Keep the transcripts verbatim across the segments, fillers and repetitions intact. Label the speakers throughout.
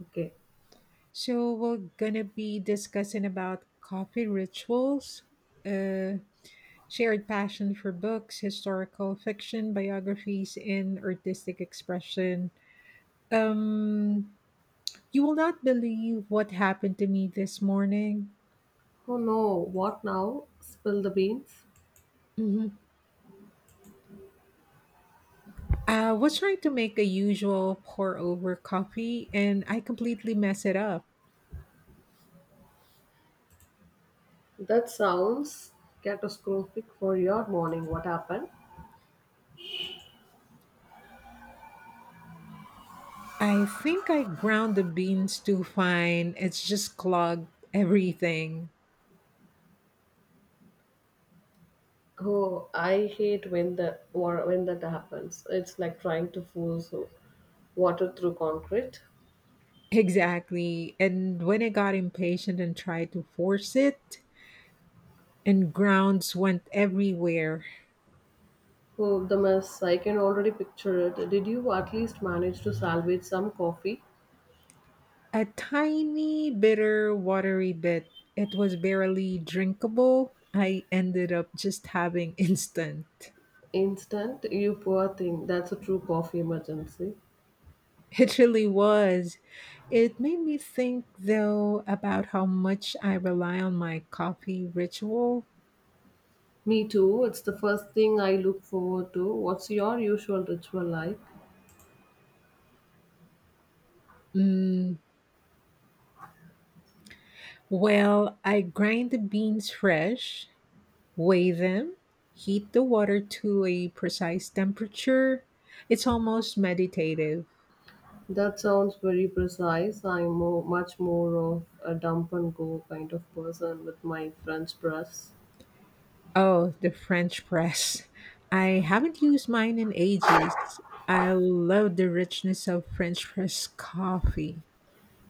Speaker 1: Okay.
Speaker 2: So we're gonna be discussing about coffee rituals, uh, shared passion for books, historical fiction, biographies, and artistic expression. Um, you will not believe what happened to me this morning.
Speaker 1: Oh no, what now? Spill the beans?
Speaker 2: Mhm. I was trying to make a usual pour over coffee, and I completely mess it up.
Speaker 1: That sounds catastrophic for your morning. What happened?
Speaker 2: I think I ground the beans too fine. It's just clogged everything.
Speaker 1: Oh, I hate when the or when that happens. It's like trying to force so water through concrete.
Speaker 2: Exactly. And when I got impatient and tried to force it, and grounds went everywhere.
Speaker 1: Oh, the mess. I can already picture it. Did you at least manage to salvage some coffee?
Speaker 2: A tiny, bitter, watery bit. It was barely drinkable. I ended up just having instant.
Speaker 1: Instant, you poor thing. That's a true coffee emergency.
Speaker 2: It really was. It made me think, though, about how much I rely on my coffee ritual.
Speaker 1: Me too. It's the first thing I look forward to. What's your usual ritual like?
Speaker 2: Mm, well, I grind the beans fresh, weigh them, heat the water to a precise temperature. It's almost meditative.
Speaker 1: That sounds very precise. I'm more, much more of a dump and go kind of person with my French press.
Speaker 2: Oh, the French press. I haven't used mine in ages. I love the richness of French press coffee.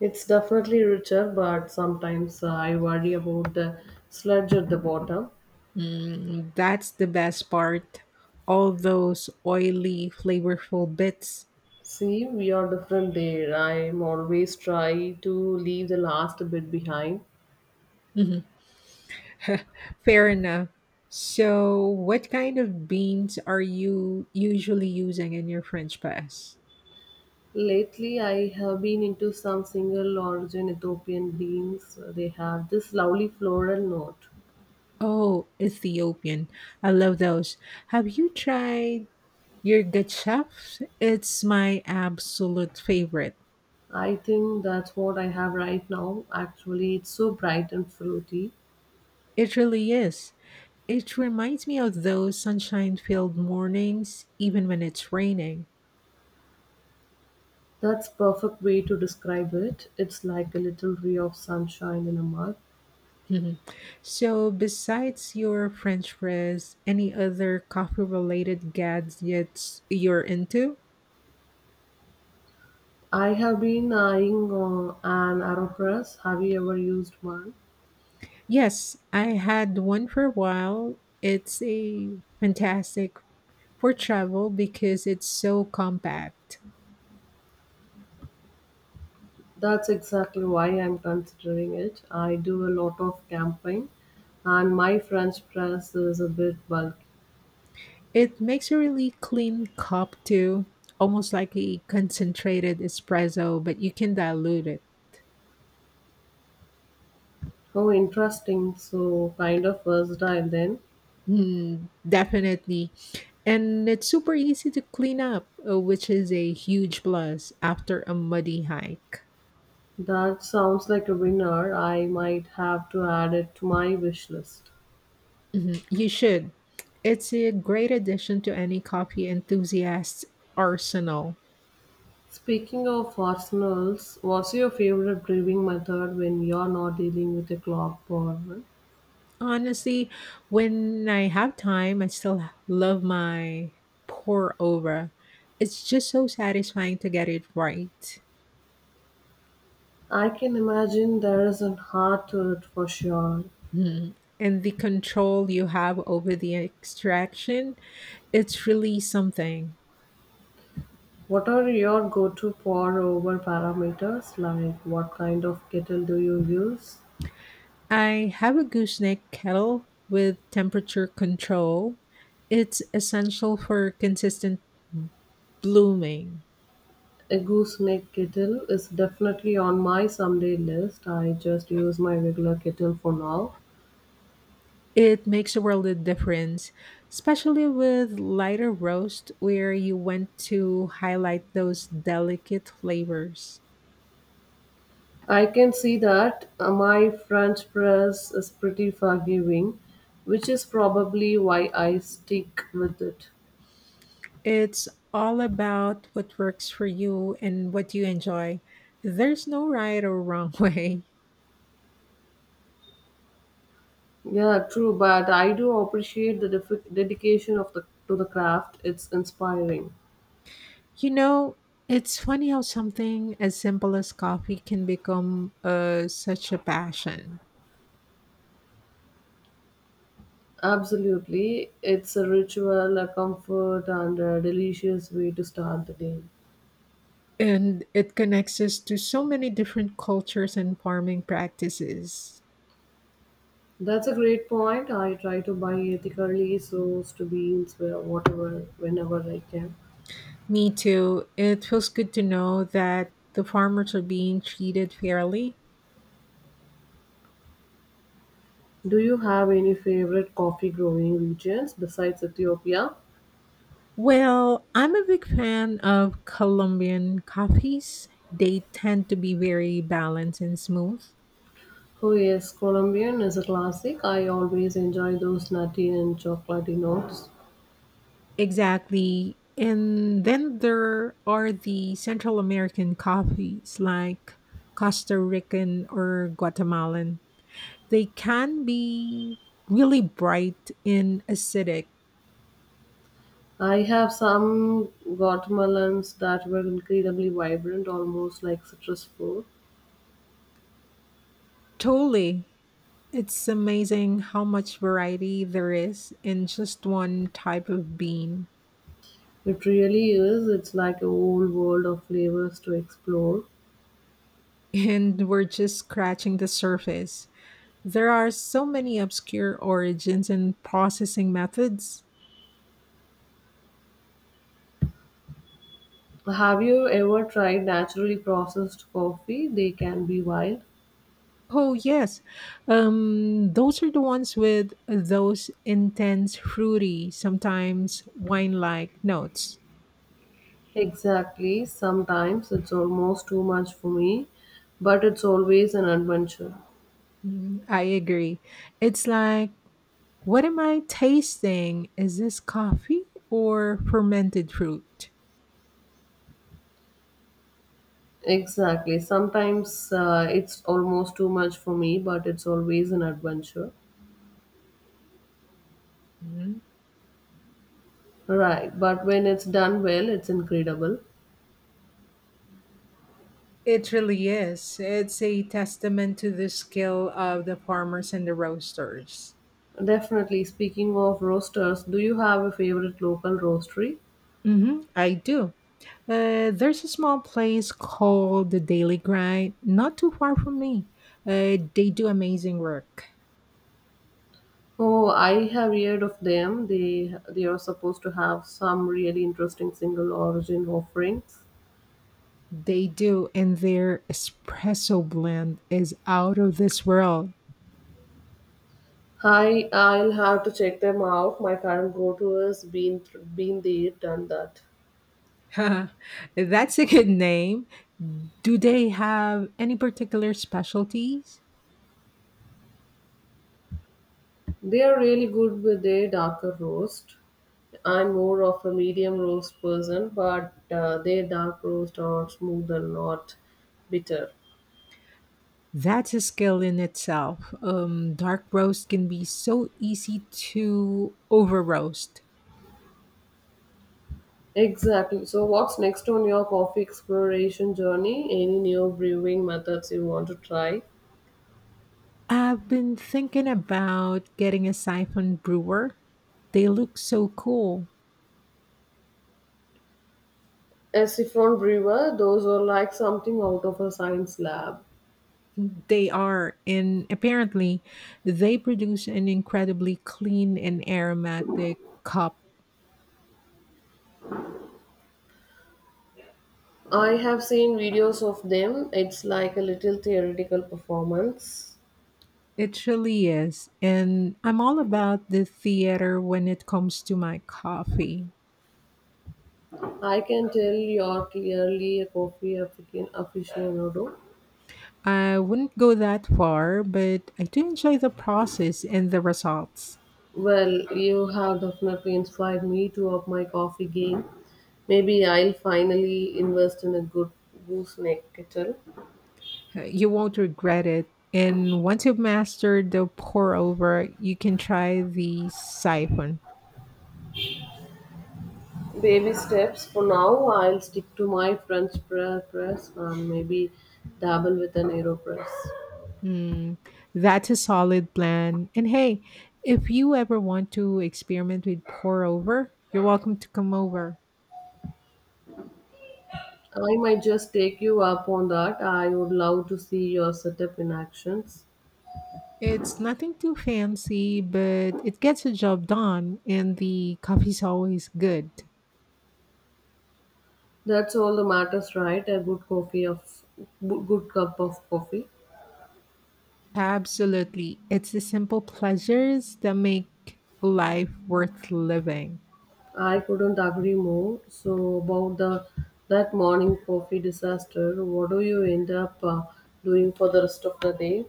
Speaker 1: It's definitely richer, but sometimes uh, I worry about the sludge at the bottom.
Speaker 2: Mm, that's the best part. All those oily, flavorful bits.
Speaker 1: See, we are different there. I'm always try to leave the last bit behind.
Speaker 2: Mhm. Fair enough. So, what kind of beans are you usually using in your French press?
Speaker 1: Lately, I have been into some single origin Ethiopian beans. They have this lovely floral note.
Speaker 2: Oh, Ethiopian. I love those. Have you tried your gachaf? It's my absolute favorite.
Speaker 1: I think that's what I have right now. Actually, it's so bright and fruity.
Speaker 2: It really is. It reminds me of those sunshine filled mornings, even when it's raining.
Speaker 1: That's perfect way to describe it. It's like a little ray of sunshine in a mug.
Speaker 2: Mhm. So, besides your French press, any other coffee related gadgets you're into?
Speaker 1: I have been eyeing uh, an AeroPress. Have you ever used one?
Speaker 2: Yes, I had one for a while. It's a fantastic for travel because it's so compact.
Speaker 1: That's exactly why I'm considering it. I do a lot of camping, and my French press is a bit bulky.
Speaker 2: It makes a really clean cup too, almost like a concentrated espresso, but you can dilute it.
Speaker 1: Oh, interesting. So, kind of versatile then.
Speaker 2: Mm, definitely. And it's super easy to clean up, uh, which is a huge plus after a muddy hike.
Speaker 1: That sounds like a winner. I might have to add it to my wish list.
Speaker 2: Mhm. You should. It's a great addition to any coffee enthusiast's arsenal.
Speaker 1: Speaking of arsenals, what's your favorite brewing method when you're not dealing with a clock problem?
Speaker 2: Honestly, when I have time, I still love my pour over. It's just so satisfying to get it right.
Speaker 1: I can imagine there is an art to it for sure.
Speaker 2: Mhm. And the control you have over the extraction, it's really something.
Speaker 1: What are your go to pour over parameters? Like what kind of kettle do you use?
Speaker 2: I have a gooseneck kettle with temperature control. It's essential for consistent blooming.
Speaker 1: A gooseneck kettle is definitely on my someday list. I just use my regular kettle for now.
Speaker 2: It makes a world of difference, especially with lighter roast where you want to highlight those delicate flavors.
Speaker 1: I can see that uh, my French press is pretty forgiving, which is probably why I stick with it.
Speaker 2: It's all about what works for you and what you enjoy. There's no right or wrong way.
Speaker 1: Yeah, true, but I do appreciate the def- dedication of the to the craft. It's inspiring.
Speaker 2: You know, it's funny how something as simple as coffee can become uh, such a passion.
Speaker 1: Absolutely, it's a ritual, a comfort, and a delicious way to start the day.
Speaker 2: And it connects us to so many different cultures and farming practices.
Speaker 1: That's a great point. I try to buy ethically so as to be where whatever whenever I can.
Speaker 2: Me too. It feels good to know that the farmers are being treated fairly.
Speaker 1: Do you have any favorite coffee growing regions besides Ethiopia?
Speaker 2: Well, I'm a big fan of Colombian coffees. They tend to be very balanced and smooth.
Speaker 1: Oh yes, Colombian is a classic. I always enjoy those nutty and chocolatey notes.
Speaker 2: Exactly. And then there are the Central American coffees like Costa Rican or Guatemalan. They can be really bright and acidic.
Speaker 1: I have some Guatemalans that were incredibly vibrant, almost like citrus fruit.
Speaker 2: Totally. It's amazing how much variety there is in just one type of bean.
Speaker 1: It really is. It's like a whole world of flavors to explore.
Speaker 2: And we're just scratching the surface. There are so many obscure origins and processing methods.
Speaker 1: Have you ever tried naturally processed coffee? They can be wild.
Speaker 2: Oh, yes. Um, those are the ones with those intense, fruity, sometimes wine like notes.
Speaker 1: Exactly. Sometimes it's almost too much for me, but it's always an adventure.
Speaker 2: Mm, I agree. It's like, what am I tasting? Is this coffee or fermented fruit?
Speaker 1: Exactly. Sometimes uh, it's almost too much for me, but it's always an adventure.
Speaker 2: Mhm.
Speaker 1: Right. But when it's done well, it's incredible.
Speaker 2: It really is. It's a testament to the skill of the farmers and the roasters.
Speaker 1: Definitely. Speaking of roasters, do you have a favorite local roastery?
Speaker 2: Hmm. I do. Uh, there's a small place called the Daily Grind, not too far from me. Uh, they do amazing work.
Speaker 1: Oh, I have heard of them. They they are supposed to have some really interesting single origin offerings.
Speaker 2: They do, and their espresso blend is out of this world.
Speaker 1: Hi, I'll have to check them out. My current go-to has been been there, done that.
Speaker 2: That's a good name. Do they have any particular specialties?
Speaker 1: They are really good with their darker roast. I'm more of a medium roast person, but uh, their dark roast are smooth and not bitter.
Speaker 2: That's a skill in itself. Um, dark roast can be so easy to over roast.
Speaker 1: Exactly. So, what's next on your coffee exploration journey? Any new brewing methods you want to try?
Speaker 2: I've been thinking about getting a siphon brewer. They look so cool.
Speaker 1: A siphon brewer, those are like something out of a science lab.
Speaker 2: They are, and apparently, they produce an incredibly clean and aromatic cup.
Speaker 1: I have seen videos of them. It's like a little theoretical performance.
Speaker 2: It really is. And I'm all about the theater when it comes to my coffee.
Speaker 1: I can tell you're clearly a coffee African aficionado.
Speaker 2: I wouldn't go that far, but I do enjoy the process and the results.
Speaker 1: Well, you have definitely inspired me to up my coffee game. Maybe I'll finally invest in a good gooseneck kettle.
Speaker 2: Uh, You won't regret it. And once you've mastered the pour over, you can try the siphon.
Speaker 1: Baby steps for now. I'll stick to my French pre- press and maybe dabble with an AeroPress.
Speaker 2: Mm, that's a solid plan. And hey, if you ever want to experiment with pour over, you're welcome to come over.
Speaker 1: I might just take you up on that. I would love to see your setup in actions.
Speaker 2: It's nothing too fancy, but it gets the job done, and the coffee's always good.
Speaker 1: That's all that matters, right? A good coffee of good cup of coffee.
Speaker 2: Absolutely. It's the simple pleasures that make life worth living.
Speaker 1: I couldn't agree more. So about the that morning coffee disaster, what do you end up uh, doing for the rest of the day?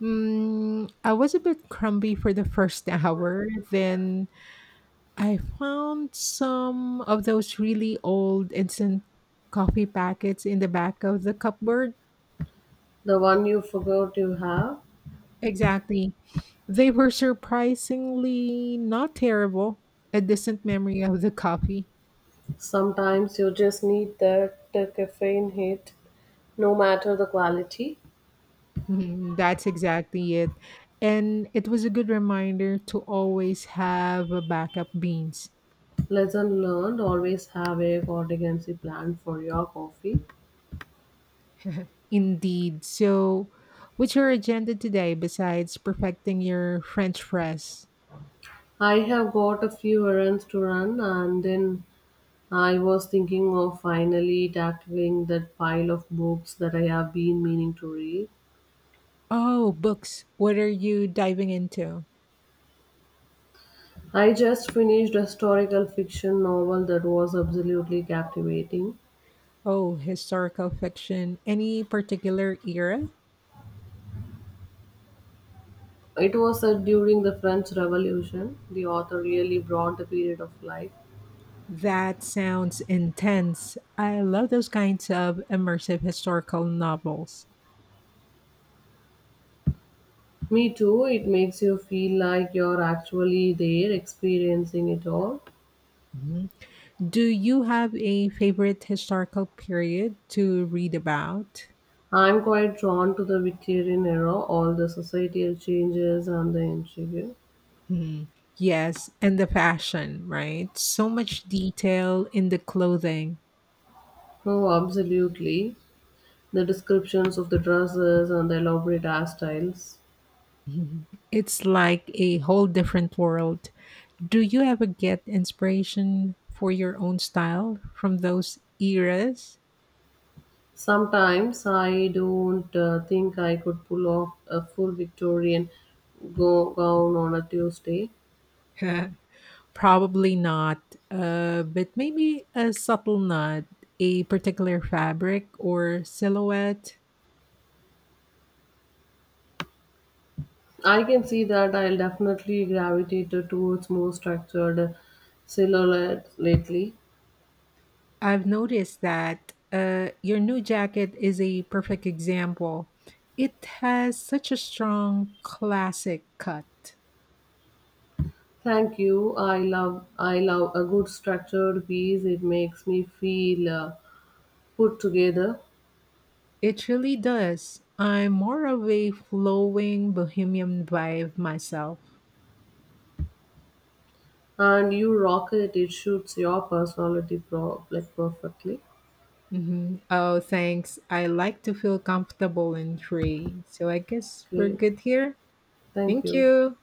Speaker 2: Mm, I was a bit crumbly for the first hour. Then I found some of those really old instant coffee packets in the back of the cupboard.
Speaker 1: The one you forgot you have.
Speaker 2: Exactly. They were surprisingly not terrible. A distant memory of the coffee.
Speaker 1: Sometimes you just need that uh, caffeine hit, no matter the quality.
Speaker 2: Mhm, that's exactly it. And it was a good reminder to always have a backup beans.
Speaker 1: Lesson learned always have a contingency plan for your coffee.
Speaker 2: Indeed. So, what's your agenda today besides perfecting your French fries?
Speaker 1: I have got a few errands to run, and then I was thinking of finally tackling that pile of books that I have been meaning to read.
Speaker 2: Oh, books. What are you diving into?
Speaker 1: I just finished a historical fiction novel that was absolutely captivating.
Speaker 2: Oh, historical fiction. Any particular era?
Speaker 1: It was set during the French Revolution. The author really brought the period of life.
Speaker 2: That sounds intense. I love those kinds of immersive historical novels.
Speaker 1: Me too, it makes you feel like you're actually there experiencing it all.
Speaker 2: Mhm. Do you have a favorite historical period to read about?
Speaker 1: I am quite drawn to the Victorian era, all the societal changes and the intrigue.
Speaker 2: Mhm. Yes, and the fashion, right? So much detail in the clothing.
Speaker 1: Oh, absolutely. The descriptions of the dresses and the elaborate hairstyles.
Speaker 2: Mhm. It's like a whole different world. Do you ever get inspiration for your own style from those eras?
Speaker 1: Sometimes I don't uh, think I could pull off a full Victorian go- gown on a Tuesday.
Speaker 2: Probably not, uh, but maybe a subtle nod, a particular fabric or silhouette.
Speaker 1: I can see that I'll definitely gravitate towards more structured silhouette lately.
Speaker 2: I've noticed that uh, your new jacket is a perfect example. It has such a strong classic cut.
Speaker 1: Thank you. I love I love a good structured piece. It makes me feel uh, put together.
Speaker 2: It really does. I'm more of a flowing bohemian vibe myself.
Speaker 1: And you rock it. It suits your personality pro- like perfectly.
Speaker 2: Hmm. Oh, thanks. I like to feel comfortable and free. So I guess we're
Speaker 1: Okay.
Speaker 2: good here.
Speaker 1: Thank
Speaker 2: Thank
Speaker 1: you.
Speaker 2: you.